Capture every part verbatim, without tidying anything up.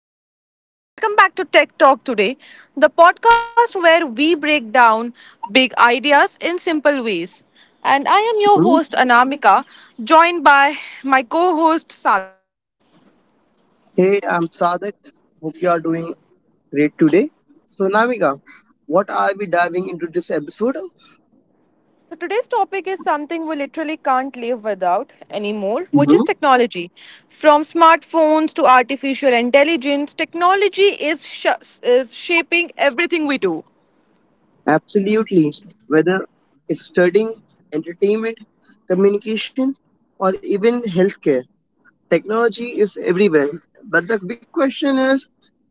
everyone. Welcome back to Tech Talk today, the podcast where we break down big ideas in simple ways. And I am your Hmm. host Anamika, joined by my co-host Sadik. Hey, I'm Sadak. Hope you are doing great today. So, Namika, what are we diving into this episode? So today's topic is something we literally can't live without anymore, which is Mhm. technology. From smartphones to artificial intelligence, technology is sh- is shaping everything we do. Absolutely. Whether it's studying, entertainment, communication, or even healthcare, technology is everywhere. But the big question is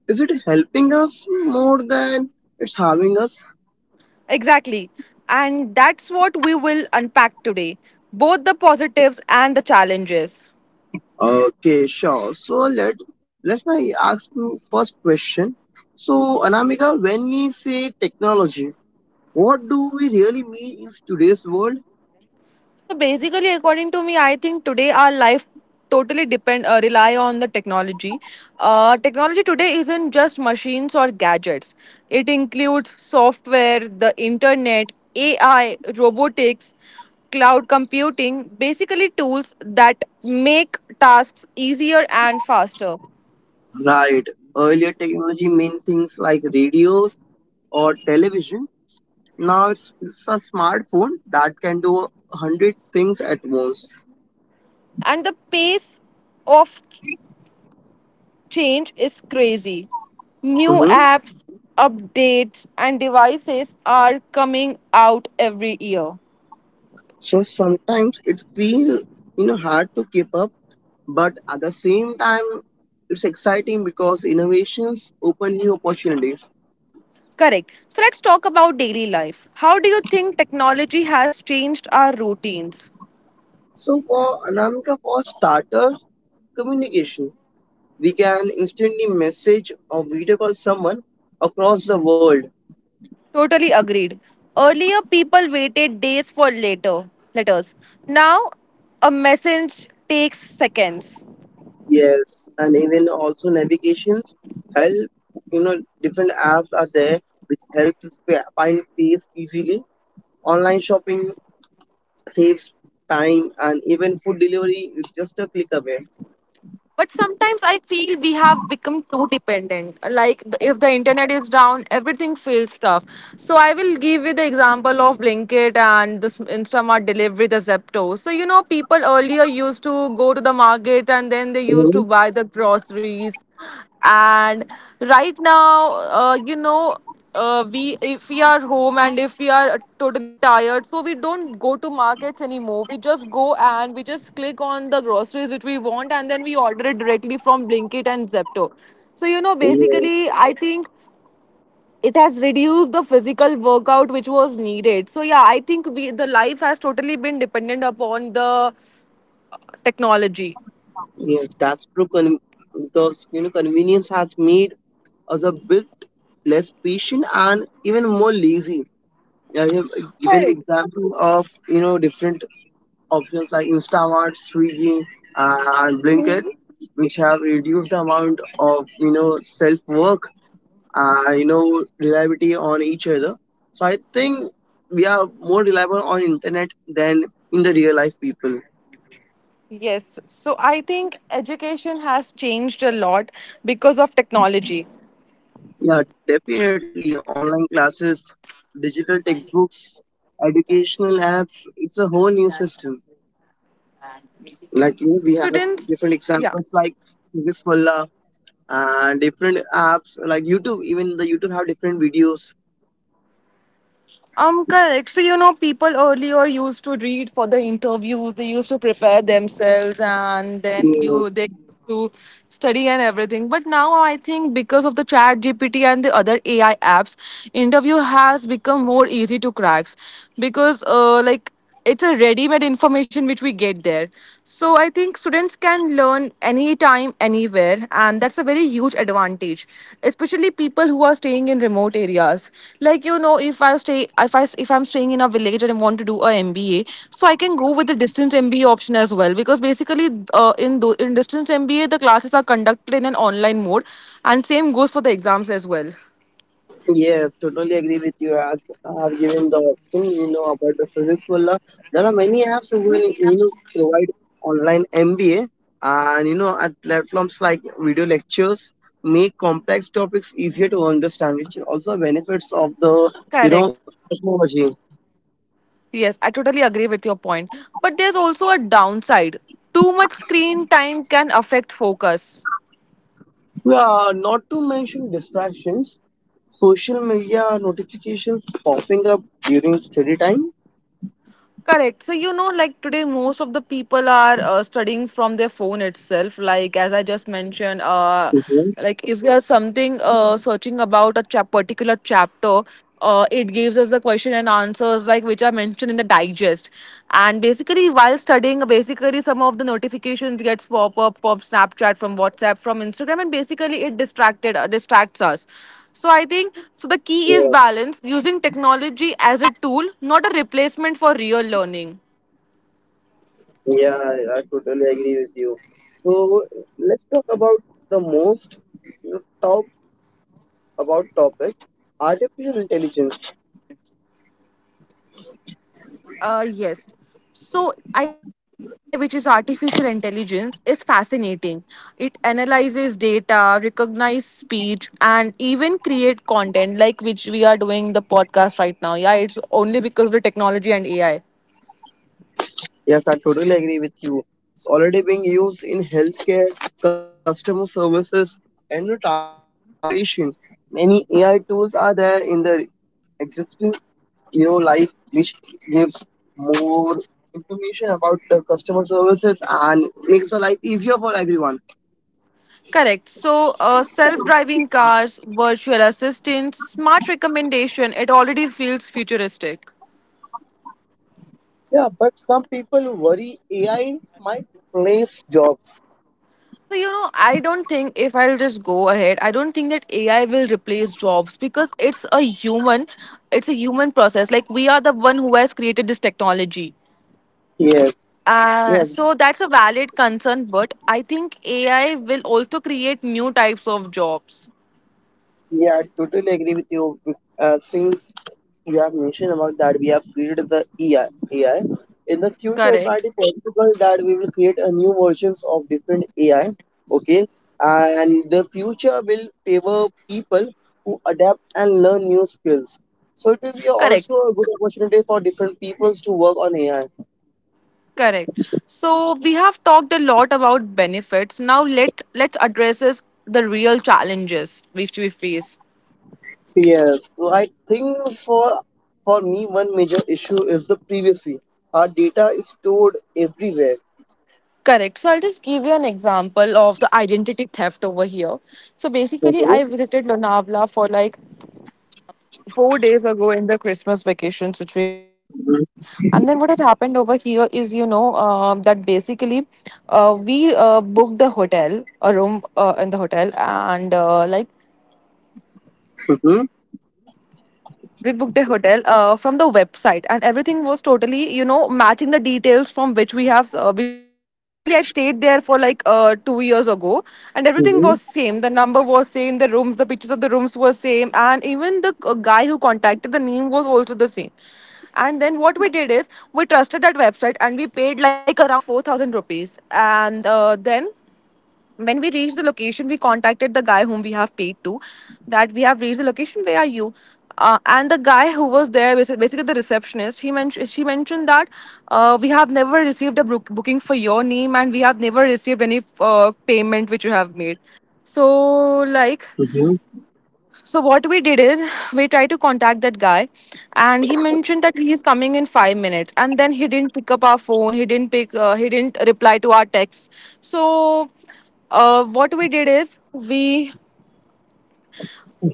is it helping us more than it's harming us? Exactly. And that's what we will unpack today, both the positives and the challenges. Okay, sure. So, let, let's now ask you first question. So, Anamika, when we say technology, what do we really mean in today's world? So basically, according to me, I think today our life totally depend uh, rely on the technology. Uh, technology today isn't just machines or gadgets. It includes software, the internet, A I, robotics, cloud computing, basically tools that make tasks easier and faster. Right. Earlier technology meant things like radios or televisions. Now it's, it's a smartphone that can do a hundred things at once. And the pace of change is crazy. New hmm apps, updates, and devices are coming out every year. So sometimes it feels, you know, hard to keep up, but at the same time it's exciting because innovations open new opportunities. Correct. So let's talk about daily life. How do you think technology has changed our routines? So for Anamika, for starters, communication. We can instantly message or video call someone across the world. Totally agreed. Earlier, people waited days for later letters. Now, a message takes seconds. Yes, and even also navigations help. You know, different apps are there which help us fi- find place easily. Online shopping saves time, and even food delivery is just a click away. But sometimes I feel we have become too dependent. Like the, if the internet is down, everything feels tough. So I will give you the example of Blinkit and this Instamart delivery, the Zepto. So you know, people earlier used to go to the market and then they used Mhm. to buy the groceries. And right now, uh, you know uh, we if we are home and if we are totally tired, so we don't go to markets anymore. We just go and we just click on the groceries which we want, and then we order it directly from Blinkit and Zepto. So you know, Yeah. basically I think it has reduced the physical workout which was needed. So yeah, I think we the life has totally been dependent upon the technology. Yes, that's true. Con- because you know, convenience has made us a bit less patient and even more lazy. I have given the Correct. example of you know different options like Instamart, Swiggy, uh, and Blinkit, which have reduced the amount of you know self work, uh, you know reliability on each other. So I think we are more reliable on internet than in the real life people. Yes. So I think education has changed a lot because of technology. Yeah, definitely online classes, digital textbooks, educational apps. It's a whole new system. Like you know, we have Students, different yeah. examples like this uh, different apps like YouTube, even the YouTube have different videos. Um, correct. So, you know, people earlier used to read for the interviews, they used to prepare themselves, and then you they Mm, used to study and everything. But now I think because of the chat G P T and the other A I apps, interview has become more easy to cracks, because uh like it's a ready-made information which we get there. So I think students can learn anytime, anywhere, and that's a very huge advantage, especially people who are staying in remote areas. Like you know, if i stay if I if I'm staying in a village and I want to do a MBA, so I can go with the distance MBA option as well. Because basically, uh, in tho- in distance MBA the classes are conducted in an online mode, and same goes for the exams as well. yes, totally agree with you as I have given the thing you know about the Physics Wallah. There are many apps who will you know provide online M B A, and you know at platforms like video lectures make complex topics easier to understand, which is also benefits of the you know Correct. technology. Yes, I totally agree with your point. But there's also a downside. Too much screen time can affect focus. Yeah, not to mention distractions, social media notifications popping up during study time. Correct. So, you know, like today, most of the people are uh, studying from their phone itself. Like, as I just mentioned, uh, Mhm. like if there's something uh, searching about a chap- particular chapter, uh, it gives us the question and answers, like which are mentioned in the digest. And basically, while studying, basically some of the notifications gets pop up from Snapchat, from WhatsApp, from Instagram, and basically it distracted uh, distracts us. So I think so the key is Yes. balance, using technology as a tool, not a replacement for real learning. Yeah, I I totally agree with you. So let's talk about the most top about topic, artificial intelligence. Uh yes. So I think A I, which is artificial intelligence, is fascinating. It analyzes data, recognizes speech, and even create content like which we are doing the podcast right now. Yeah, it's only because of the technology and A I. Yes, I totally agree with you. It's already being used in healthcare, customer services, and the transportation. Many A I tools are there in the existing, you know, life, which gives more information about the customer services and makes the life easier for everyone. Correct. So, uh, self-driving cars, virtual assistants, smart recommendation, it already feels futuristic. Yeah, but some people worry A I might replace jobs. So, you know, I don't think, if I'll just go ahead, I don't think that A I will replace jobs because it's a human, it's a human process. Like we are the one who has created this technology. Yes, Uh, yes, So that's a valid concern, but I think A I will also create new types of jobs. yeah, I totally agree with you. Uh, since you have mentioned about that, we have created the A I, A I. In the future, it might Correct. be possible that we will create a new versions of different A I. Okay, and the future will favor people who adapt and learn new skills. So it will be also Correct. a good opportunity for different peoples to work on A I. Correct. So we have talked a lot about benefits. Now let let's address is the real challenges which we face. Yes, so I think for for me one major issue is the privacy. Our data is stored everywhere. Correct. So I'll just give you an example of the identity theft over here. So basically, Okay. I visited Lonavala for like four days ago in the Christmas vacations, which we got for four days. Mhm, And then what has happened over here is, you know, um that basically uh, we uh, booked the hotel, a room uh, in the hotel, and uh, like mhm, we booked the hotel uh, from the website, and everything was totally you know matching the details from which we have uh, which we, uh, basically I stayed there for like uh, two years ago. And everything was mhm. same, the number was same, the rooms, the pictures of the rooms were same, and even the uh, guy who contacted, the name was also the same. And then what we did is we trusted that website and we paid like around four thousand rupees. And uh, then when we reached the location, we contacted the guy whom we have paid to, that we have reached the location, where are you. Uh, and the guy who was there, basi- basically the receptionist, he mentioned she mentioned that uh, we have never received a book- booking for your name, and we have never received any uh, payment which you have made. So like, so what we did is we tried to contact that guy, and he mentioned that he is coming in five minutes, and then he didn't pick up our phone, he didn't pick uh, he didn't reply to our texts. So uh, what we did is we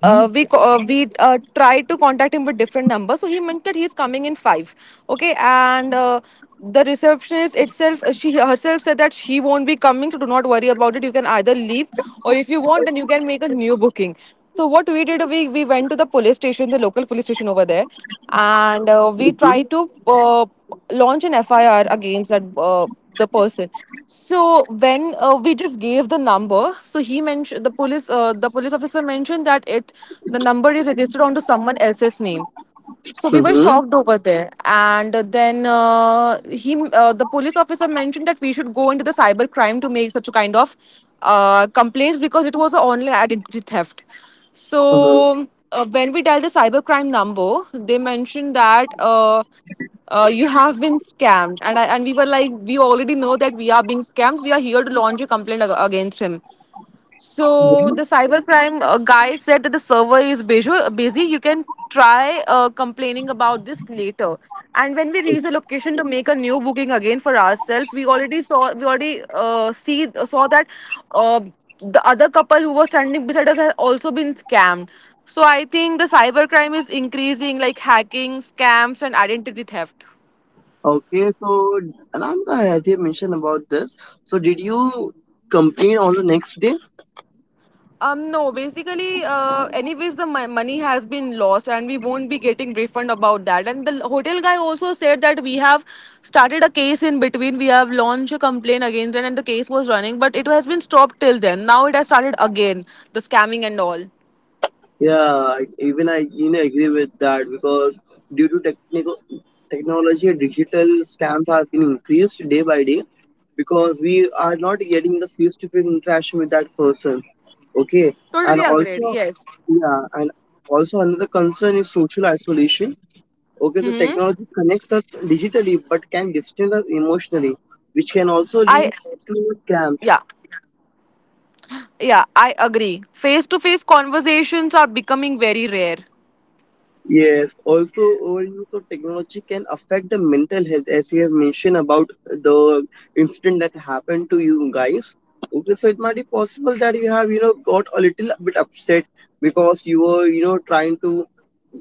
uh, we co- uh, we uh, tried to contact him with different numbers. So he mentioned that he is coming in five. Okay, and uh, the receptionist itself, uh, she herself said that he won't be coming. So do not worry about it. You can either leave, or if you want, then you can make a new booking. So what we did, we we went to the police station, the local police station over there, and uh, we Okay. tried to uh, launch an F I R against that uh, the person. So when uh, we just gave the number, so he mentioned the police, uh, the police officer mentioned that it, the number is registered onto someone else's name. So we were Mhm, shocked over there, and then uh, he, uh, the police officer mentioned that we should go into the cyber crime to make such a kind of uh, complaints, because it was an online identity theft. mhm, So uh, when we dialed the cyber crime number, they mentioned that uh, uh, you have been scammed, and I, and we were like, we already know that we are being scammed. We are here to launch a complaint ag- against him. So the mhm. cybercrime uh, guy said that the server is busy. busy. You can try uh, complaining about this later. And when we reach the location to make a new booking again for ourselves, we already saw we already uh, see saw that uh, the other couple who was standing beside us had also been scammed. So I think the cybercrime is increasing, like hacking, scams, and identity theft. Okay, so Anamka has here mentioned about this. So did you complain on the next day? Um, no, basically, uh, anyways, the mo- money has been lost and we won't be getting refund about that. And the hotel guy also said that we have started a case in between. We have launched a complaint against it and the case was running, but it has been stopped till then. Now it has started again, the scamming and all. Yeah, I- even I you know agree with that because due to technical technology, digital scams have been increased day by day, because we are not getting the face to face interaction with that person. Okay. And Totally agreed. also, Yes. yeah, and also another concern is social isolation. Okay, so Mm-hmm. technology connects us digitally but can distance us emotionally, which can also lead I, to scams. yeah, yeah, I agree. Face to face conversations are becoming very rare. Yes, also overuse of technology can affect the mental health, as we have mentioned about the incident that happened to you guys. Okay, so it might be possible that you have, you know, got a little bit upset because you were, you know, trying to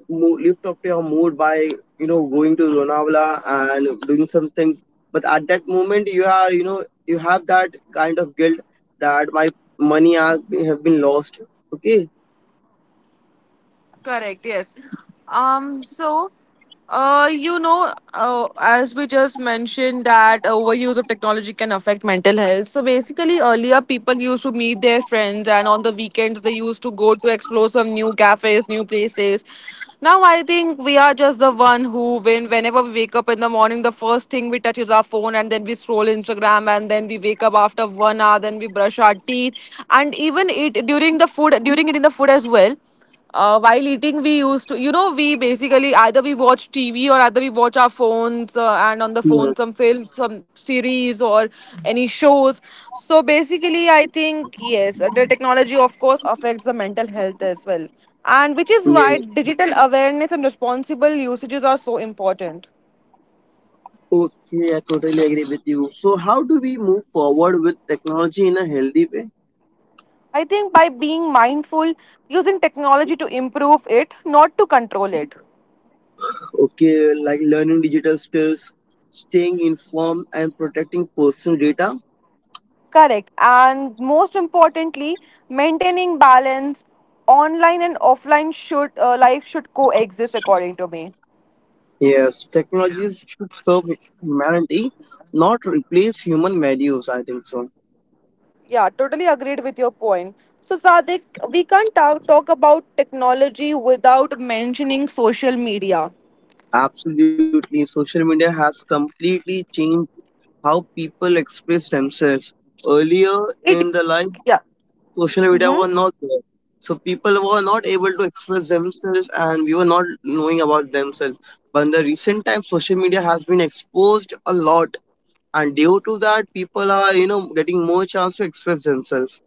mo- lift up your mood by, you know, going to Lonavala and doing some things. But at that moment, you are, you know, you have that kind of guilt that my money has have been lost. Okay. Correct, yes. Um, so, uh, you know, uh, as we just mentioned that overuse of technology can affect mental health. So basically, earlier people used to meet their friends, and on the weekends they used to go to explore some new cafes, new places. Now I think we are just the one who, when whenever we wake up in the morning, the first thing we touch is our phone, and then we scroll Instagram, and then we wake up after one hour, then we brush our teeth, and even eat during the food, during it in the food as well. Uh, while eating we used to you know we basically either we watch TV or either we watch our phones, uh, and on the Yes. phone some films, some series or any shows. So basically I think yes the technology of course affects the mental health as well, and which is why Yes. digital awareness and responsible usages are so important. Okay, I totally agree with you. So, how do we move forward with technology in a healthy way? I think by being mindful, using technology to improve it, not to control it. Okay, like learning digital skills, staying informed, and protecting personal data. Correct. And most importantly, maintaining balance online and offline, should uh, life should coexist according to me. Yes, technologies should serve humanity, not replace human values. I think so. Yeah, totally agreed with your point. So Sadik, we can't ta- talk about technology without mentioning social media. Absolutely. Social media has completely changed how people express themselves. Earlier in It the life, yeah. social media Mm-hmm. were not there. So people were not able to express themselves and we were not knowing about themselves. But in the recent times, social media has been exposed a lot. And due to that, people are, you know, getting more chance to express themselves.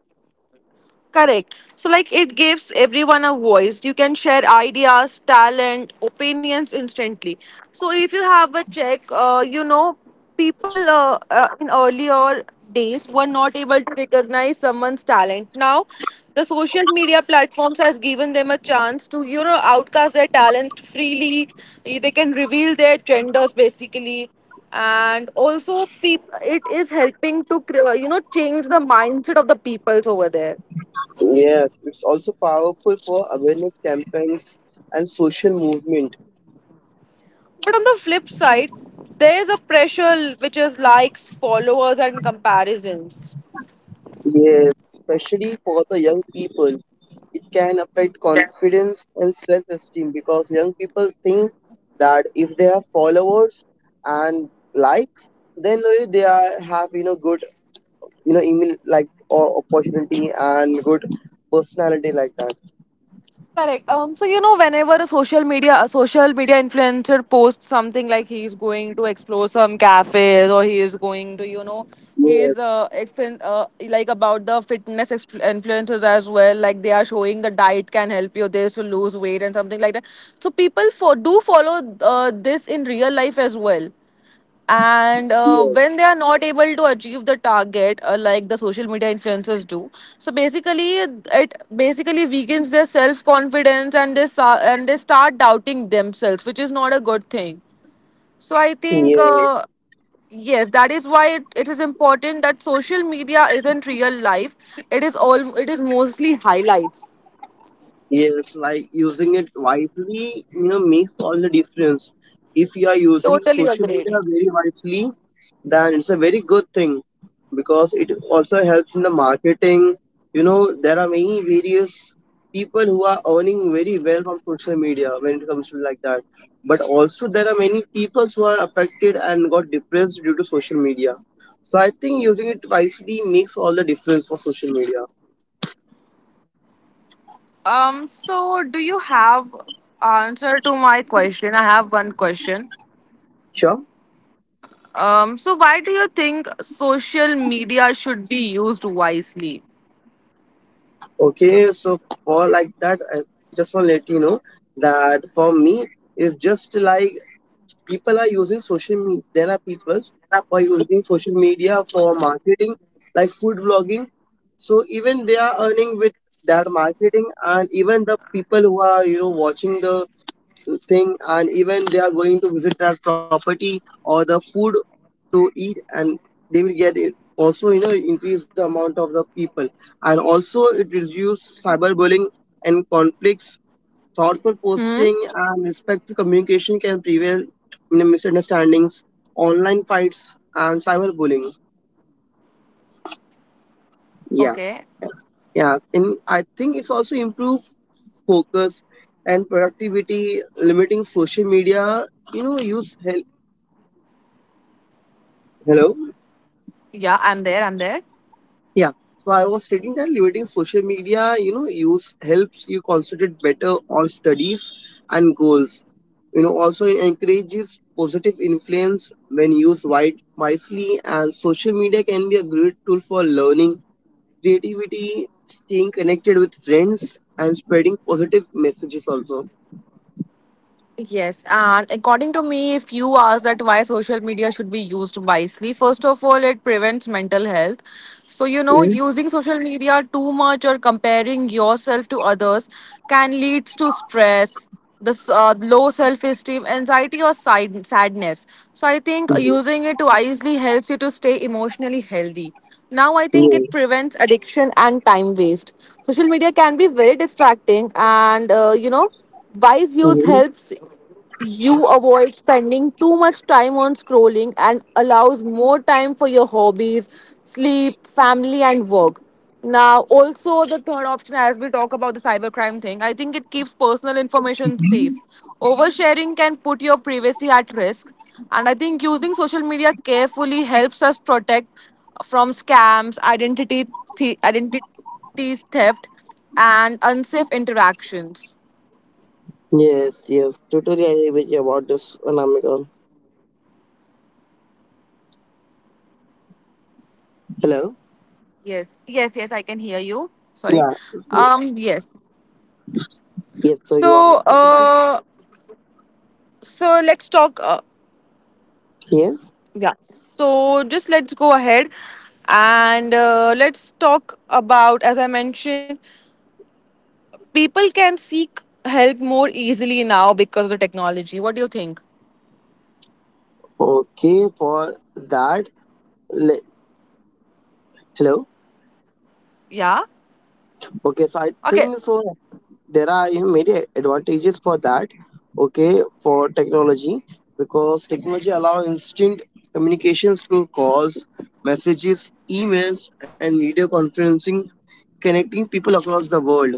Correct. So, like, it gives everyone a voice. You can share ideas, talent, opinions instantly. So, if you have a check, uh, you know, people uh, uh, in earlier days were not able to recognize someone's talent. Now, the social media platforms has given them a chance to, you know, outcast their talent freely. Eh, They can reveal their genders basically and also peop- it is helping to cre- you know change the mindset of the peoples over there. Yes, it's also powerful for awareness campaigns and social movement. But on the flip side, there is a pressure which is likes, followers, and comparisons. Yes, especially for the young people. It can affect confidence and self esteem because young people think that if they have followers and likes, then uh, they are have you know good you know email like o- opportunity and good personality like that. Correct. Um, so you know, whenever a social media a social media influencer posts something like he is going to explore some cafes or he is going to, you know, he Yes, is uh, expen- uh like about the fitness ex- influencers as well. Like they are showing the diet can help you this to lose weight and something like that. So people for do follow uh, this in real life as well. And uh, yes, when they are not able to achieve the target uh, like the social media influencers do, so basically it basically weakens their self confidence and they sa- and they start doubting themselves, which is not a good thing. So I think yes, uh, yes, that is why it, it is important that social media isn't real life. It is all, it is mostly highlights. yes. Like using it wisely, you know, makes all the difference. If you are using the Totally social agreed. media very wisely, then it's a very good thing because it also helps in the marketing. You know, there are many various people who are earning very well from social media when it comes to like that. But also there are many people who are affected and got depressed due to social media. So I think using it wisely makes all the difference for social media. um so do you have answer to my question? I have one question. Sure. Um, so why do you think social media should be used wisely? Okay. So for like that, I just want to let you know that for me, it's just like people are using social media, there are people who are using social media for marketing like food blogging, so even they are earning with that marketing, and even the people who are you know watching the thing and even they are going to visit that property or the food to eat, and they will get it, also you know increase the amount of the people. And also it reduce cyberbullying and conflicts. Thoughtful Hmm. posting and respectful communication can prevent misunderstandings, online fights, and cyberbullying. Yeah, Okay. yeah. And I think it's also improve focus and productivity, limiting social media. You know, use help. Hello. Yeah, I'm there. I'm there. Yeah. So I was stating that limiting social media, you know, use helps you concentrate better on studies and goals. You know, also it encourages positive influence when used wide, wisely, and social media can be a great tool for learning, creativity, staying connected with friends and spreading positive messages also. Yes, and according to me, if you ask that why social media should be used wisely, first of all, it prevents mental health. So, you know, Yeah. using social media too much or comparing yourself to others can lead to stress, this uh, low self esteem, anxiety, or side- sadness. So, I think Mhm. using it wisely helps you to stay emotionally healthy. Now, I think it Yeah. prevents addiction and time waste. Social media can be very distracting, and uh, you know, wise use Mhm. helps you avoid spending too much time on scrolling and allows more time for your hobbies, sleep, family, and work. Now, also, the third option, as we talk about the cybercrime thing, I think it keeps personal information safe. Oversharing can put your privacy at risk, and I think using social media carefully helps us protect from scams, identity, thi- identity theft, and unsafe interactions. Yes, yes. Totally agree with you about this, Anamika. Hello? Yes, yes, yes, I can hear you. Sorry. Yeah. So, Um, yes. yes, so you are. So, uh, so let's talk. Uh, Yes. yeah. So just let's go ahead and uh, let's talk about, as I mentioned, people can seek help more easily now because of the technology. What do you think? Okay, for that. le- Hello? Yeah. Okay, so I Okay. think so, there are you know many advantages for that, okay, for technology, because technology allow instant communications through calls, messages, emails, and video conferencing, connecting people across the world.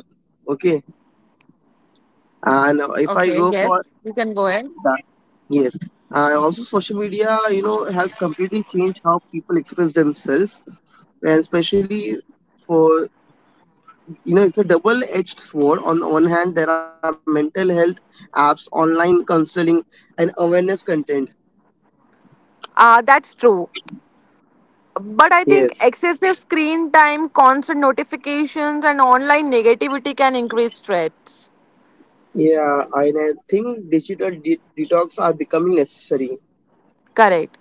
Okay, and if I Okay. go for Yes, you can go ahead. that, yes. And also social media you know has completely changed how people express themselves, and especially for you know it's a double edged sword. On the one hand there are mental health apps, online counseling, and awareness content. Uh, that's true. But I Yes, think excessive screen time, constant notifications, and online negativity can increase threats. yeah, and I think digital de- detox are becoming necessary. Correct.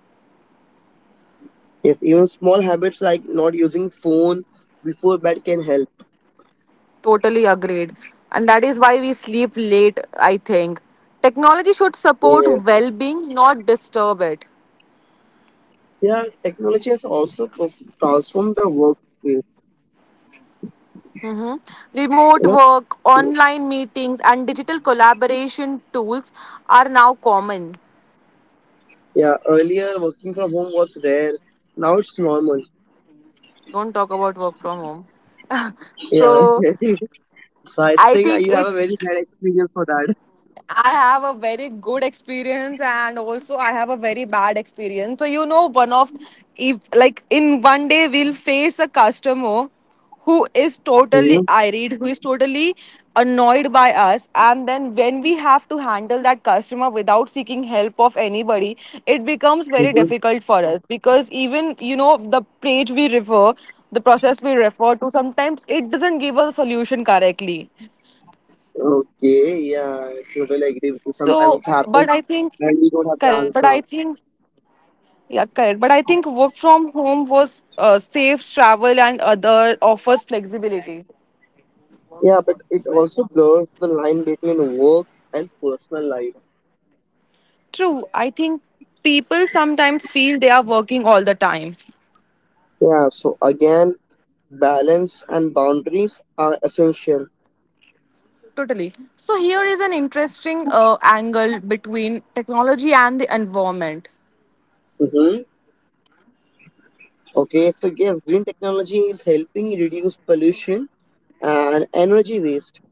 If even small habits like not using phone before bed can help. Totally agreed. And that is why we sleep late, I think. Technology should Yeah, support well being, not disturb it. yeah, technology has also perf- transformed the workplace. Mhm. You know, Remote work, online meetings, and digital collaboration tools are now common. yeah, earlier working from home was rare, now it's normal. Don't talk about work from home. Yeah, So so I I think uh, think you have a very it's bad experience for that. I have a very good experience and also I have a very bad experience. So you know one of, if like in one day we'll face a customer who is totally Mhm. irate, who is totally annoyed by us, and then when we have to handle that customer without seeking help of anybody, it becomes very difficult for us, because even you know the page we refer, the process we refer to, sometimes it doesn't give us a solution correctly. Okay, yeah, I totally agree with you. Sometimes So, it happens but I think, and we don't have the correct. But I answer. think, yeah, correct. But I think work from home was uh, safe travel and other offers flexibility. Yeah, but it also blurs the line between work and personal life. True. I think people sometimes feel they are working all the time. Yeah, so again, balance and boundaries are essential. Totally. So here is an interesting uh, angle between technology and the environment. Mm-hmm. Okay, so yeah, green technology is helping reduce pollution and energy waste.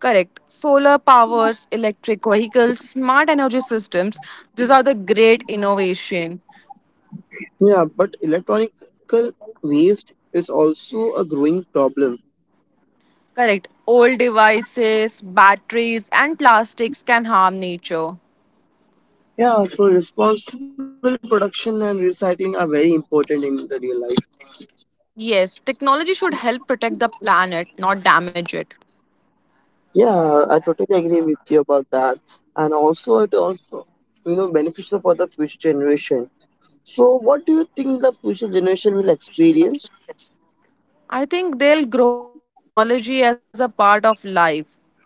Correct. Solar powers, electric vehicles, smart energy systems. These are the great innovation. Yeah, but electronic waste is also a growing problem. Correct. Old devices, batteries, and plastics can harm nature. Yeah, so responsible production and recycling are very important in the real life. Yes, technology should help protect the planet, not damage it. Yeah, I totally agree with you about that. And also, it also, you know, beneficial for the future generation. So, what do you think the future generation will experience? I think they'll grow up with technology as a part of life.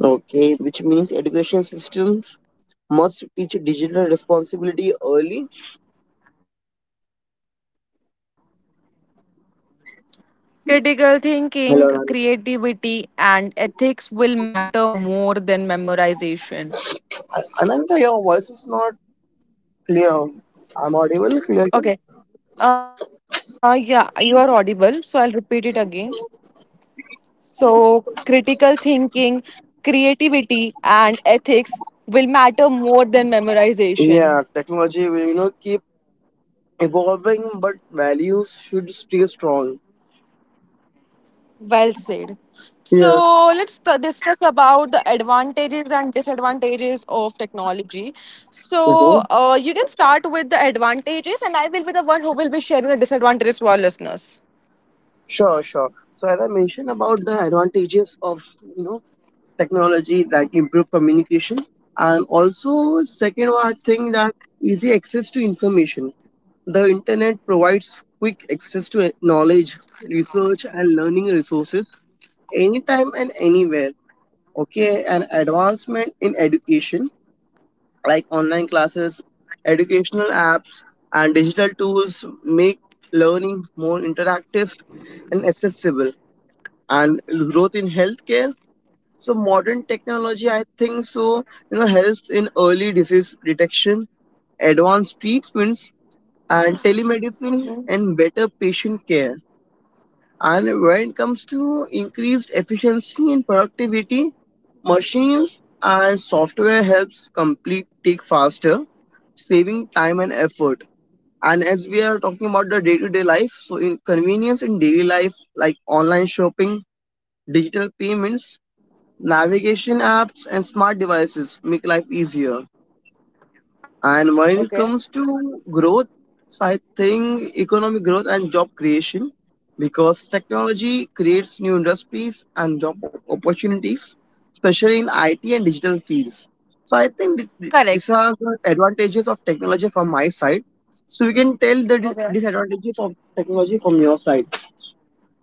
Okay, which means education systems must teach digital responsibility early. Critical thinking, creativity, and ethics will matter more Hello, than Ananta. memorization. Hello? Ananta, your voice is not clear. I'm audible clearly. Okay. Uh, yeah, you are audible, so I'll repeat it again. So, critical thinking, creativity, and ethics will matter more than memorization. Yeah, technology will, you know, keep evolving, but values should stay strong. Well said. Yeah. So, let's t- discuss about the advantages and disadvantages of technology. Mhm. So, uh, you can start with the advantages, and I will be the one who will be sharing the disadvantages to our listeners. Sure, sure. So as I mentioned about the advantages of you know technology that improve communication, and also second one, I think that easy access to information. The internet provides quick access to eh, knowledge, research, and learning resources anytime and anywhere. Okay, and advancement in education like online classes, educational apps, and digital tools make learning more interactive and accessible, and growth in healthcare. So modern technology, I think so, you know, helps in early disease detection, advanced treatments, and telemedicine and better patient care. And when it comes to increased efficiency and productivity, machines and software helps complete take faster, saving time and effort. And as we are talking about the day-to-day life, so in convenience in daily life like online shopping, digital payments, navigation apps and smart devices make life easier. And when it Okay. comes to growth, so I think economic growth and job creation, because technology creates new industries and job opportunities, especially in I T and digital fields. So I think th- th- these Correct. are the advantages of technology from my side. So we can tell the dis- disadvantages of technology from your side.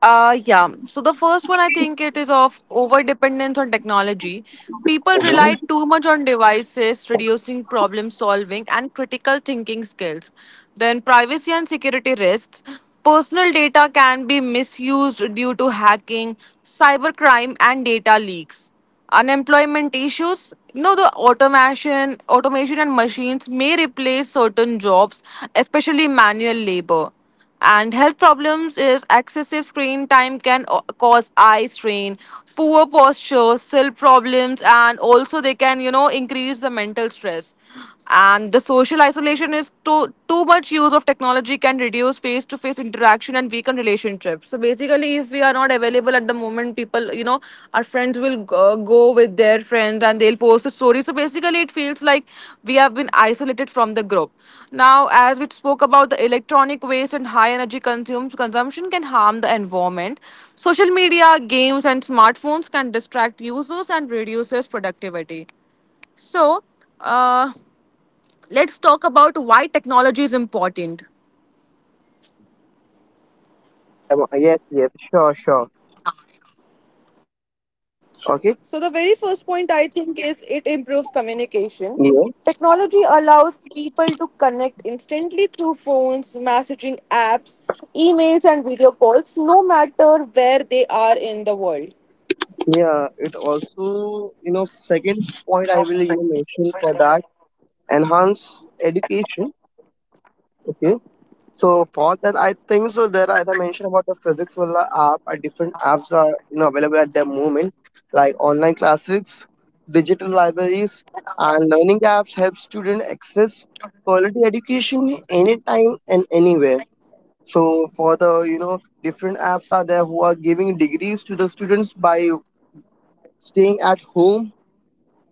Uh, yeah. So the first one I think it is of over dependence on technology. People rely Mhm. too much on devices, reducing problem solving and critical thinking skills. Then privacy and security risks. Personal data can be misused due to hacking, cybercrime, and data leaks. Unemployment issues. You know the automation, automation and machines may replace certain jobs, especially manual labor. And health problems is excessive screen time can o- cause eye strain, poor posture, cell problems, and also they can you know increase the mental stress. And the social isolation is too too much use of technology can reduce face to face interaction and weaken relationships. So basically, if we are not available at the moment, people you know, our friends will uh, go with their friends and they'll post a story, so basically it feels like we have been isolated from the group. Now, as we spoke about the electronic waste and high energy consume, consumption can harm the environment, social media games and smartphones can distract users and reduces productivity. so uh, let's talk about why technology is important. Okay. I'm- Yes. Yes. Sure. Sure. So, the very first point I think is it improves communication. Okay. Technology allows people to connect instantly through phones, messaging apps, emails, and video calls, no matter where they are in the world. Yeah, it also, you know, second point I will you know mention for that, enhance education. Okay, so for that, I think so. There, are- as I mentioned about the Physics Valla app, and different apps are you know available at the moment, like online classes, digital libraries, and learning apps help students access quality education anytime and anywhere. So for the you know different apps are there who are giving degrees to the students by staying at home.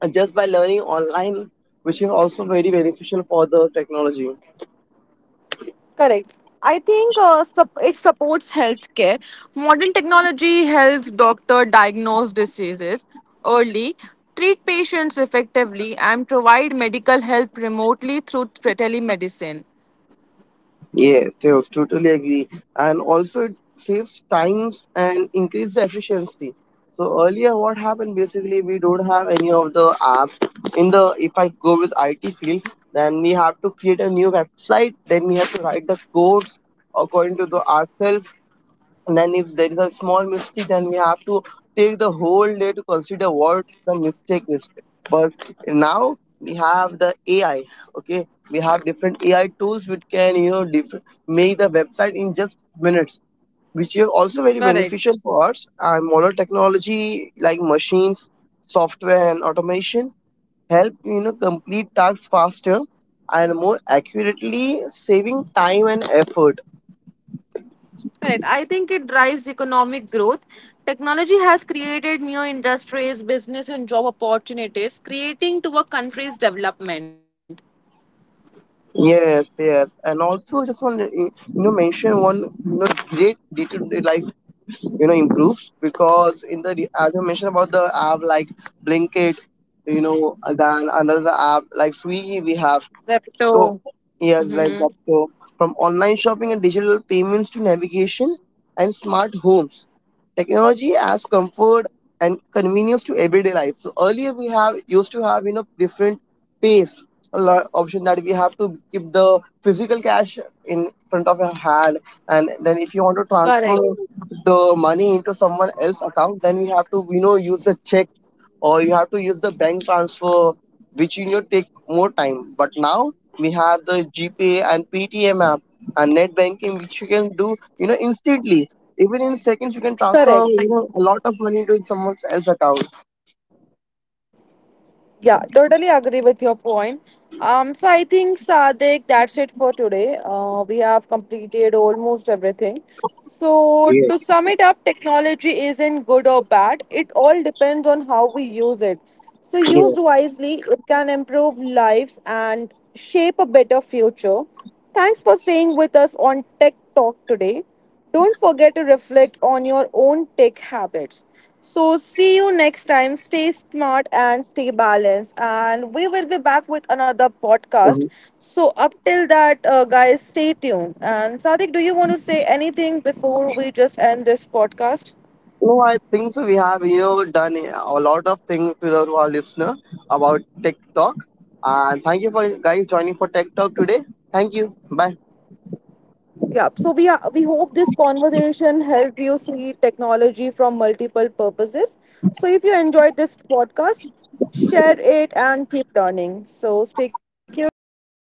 And just by learning online, which is also very beneficial for the technology. Correct. I think uh, sup- it supports healthcare. Modern technology helps doctor diagnose diseases early, treat patients effectively, and provide medical help remotely through t- telemedicine. Yes, yes, totally agree. And also, it saves times and increase the efficiency. So earlier, what happened basically, we don't have any of the apps in the. If I go with I T field, then we have to create a new website. Then we have to write the codes according to the ourselves. And then if there is a small mistake, then we have to take the whole day to consider what the mistake is. But now we have the A I. Okay, we have different A I tools which can you know diff- make the website in just minutes, which is also very Correct. beneficial for us. And modern technology like machines, software, and automation help you know complete tasks faster and more accurately, saving time and effort. Correct. I think it drives economic growth. Technology has created new industries, business, and job opportunities, creating to a country's development. Yes, yes, and also just want to you know mention one you know great day to day life you know improves, because in the re- as you mentioned about the app like Blinkit, you know, and then another app like Swiggy we That's have. true. So yes, Hmm. like that. So from online shopping and digital payments to navigation and smart homes, technology adds comfort and convenience to everyday life. So earlier we have used to have you know different pace a lot option that we have to keep the physical cash in front of your hand, and then if you want to transfer the money into someone else's account, then we have to you know use the check or you have to use the bank transfer, which you know take more time. But now we have the G P A and P T M app and net banking, which you can do you know instantly. Even in seconds, you can transfer Correct. you know a lot of money to someone else's account. Yeah, totally agree with your point. Um, so I think Sadik, that's it for today. Uh, we have completed almost everything. So to Yeah. sum it up, technology isn't good or bad. It all depends on how we use it. So Yeah. used wisely, it can improve lives and shape a better future. Thanks for staying with us on Tech Talk today. Don't forget to reflect on your own tech habits. So, see you next time. Stay smart and stay balanced. And we will be back with another podcast. Mhm. So, up till that, uh, guys, stay tuned. And Sadik, do you want to say anything before we just end this podcast? No, I think so. We have you know done a lot of things to the- to our listener about Tech Talk, and thank you for guys joining for Tech Talk today. Thank you. Bye. Yeah, so we are, we hope this conversation helped you see technology from multiple purposes. So if you enjoyed this podcast, share it and keep learning. So stay curious. Bye bye guys.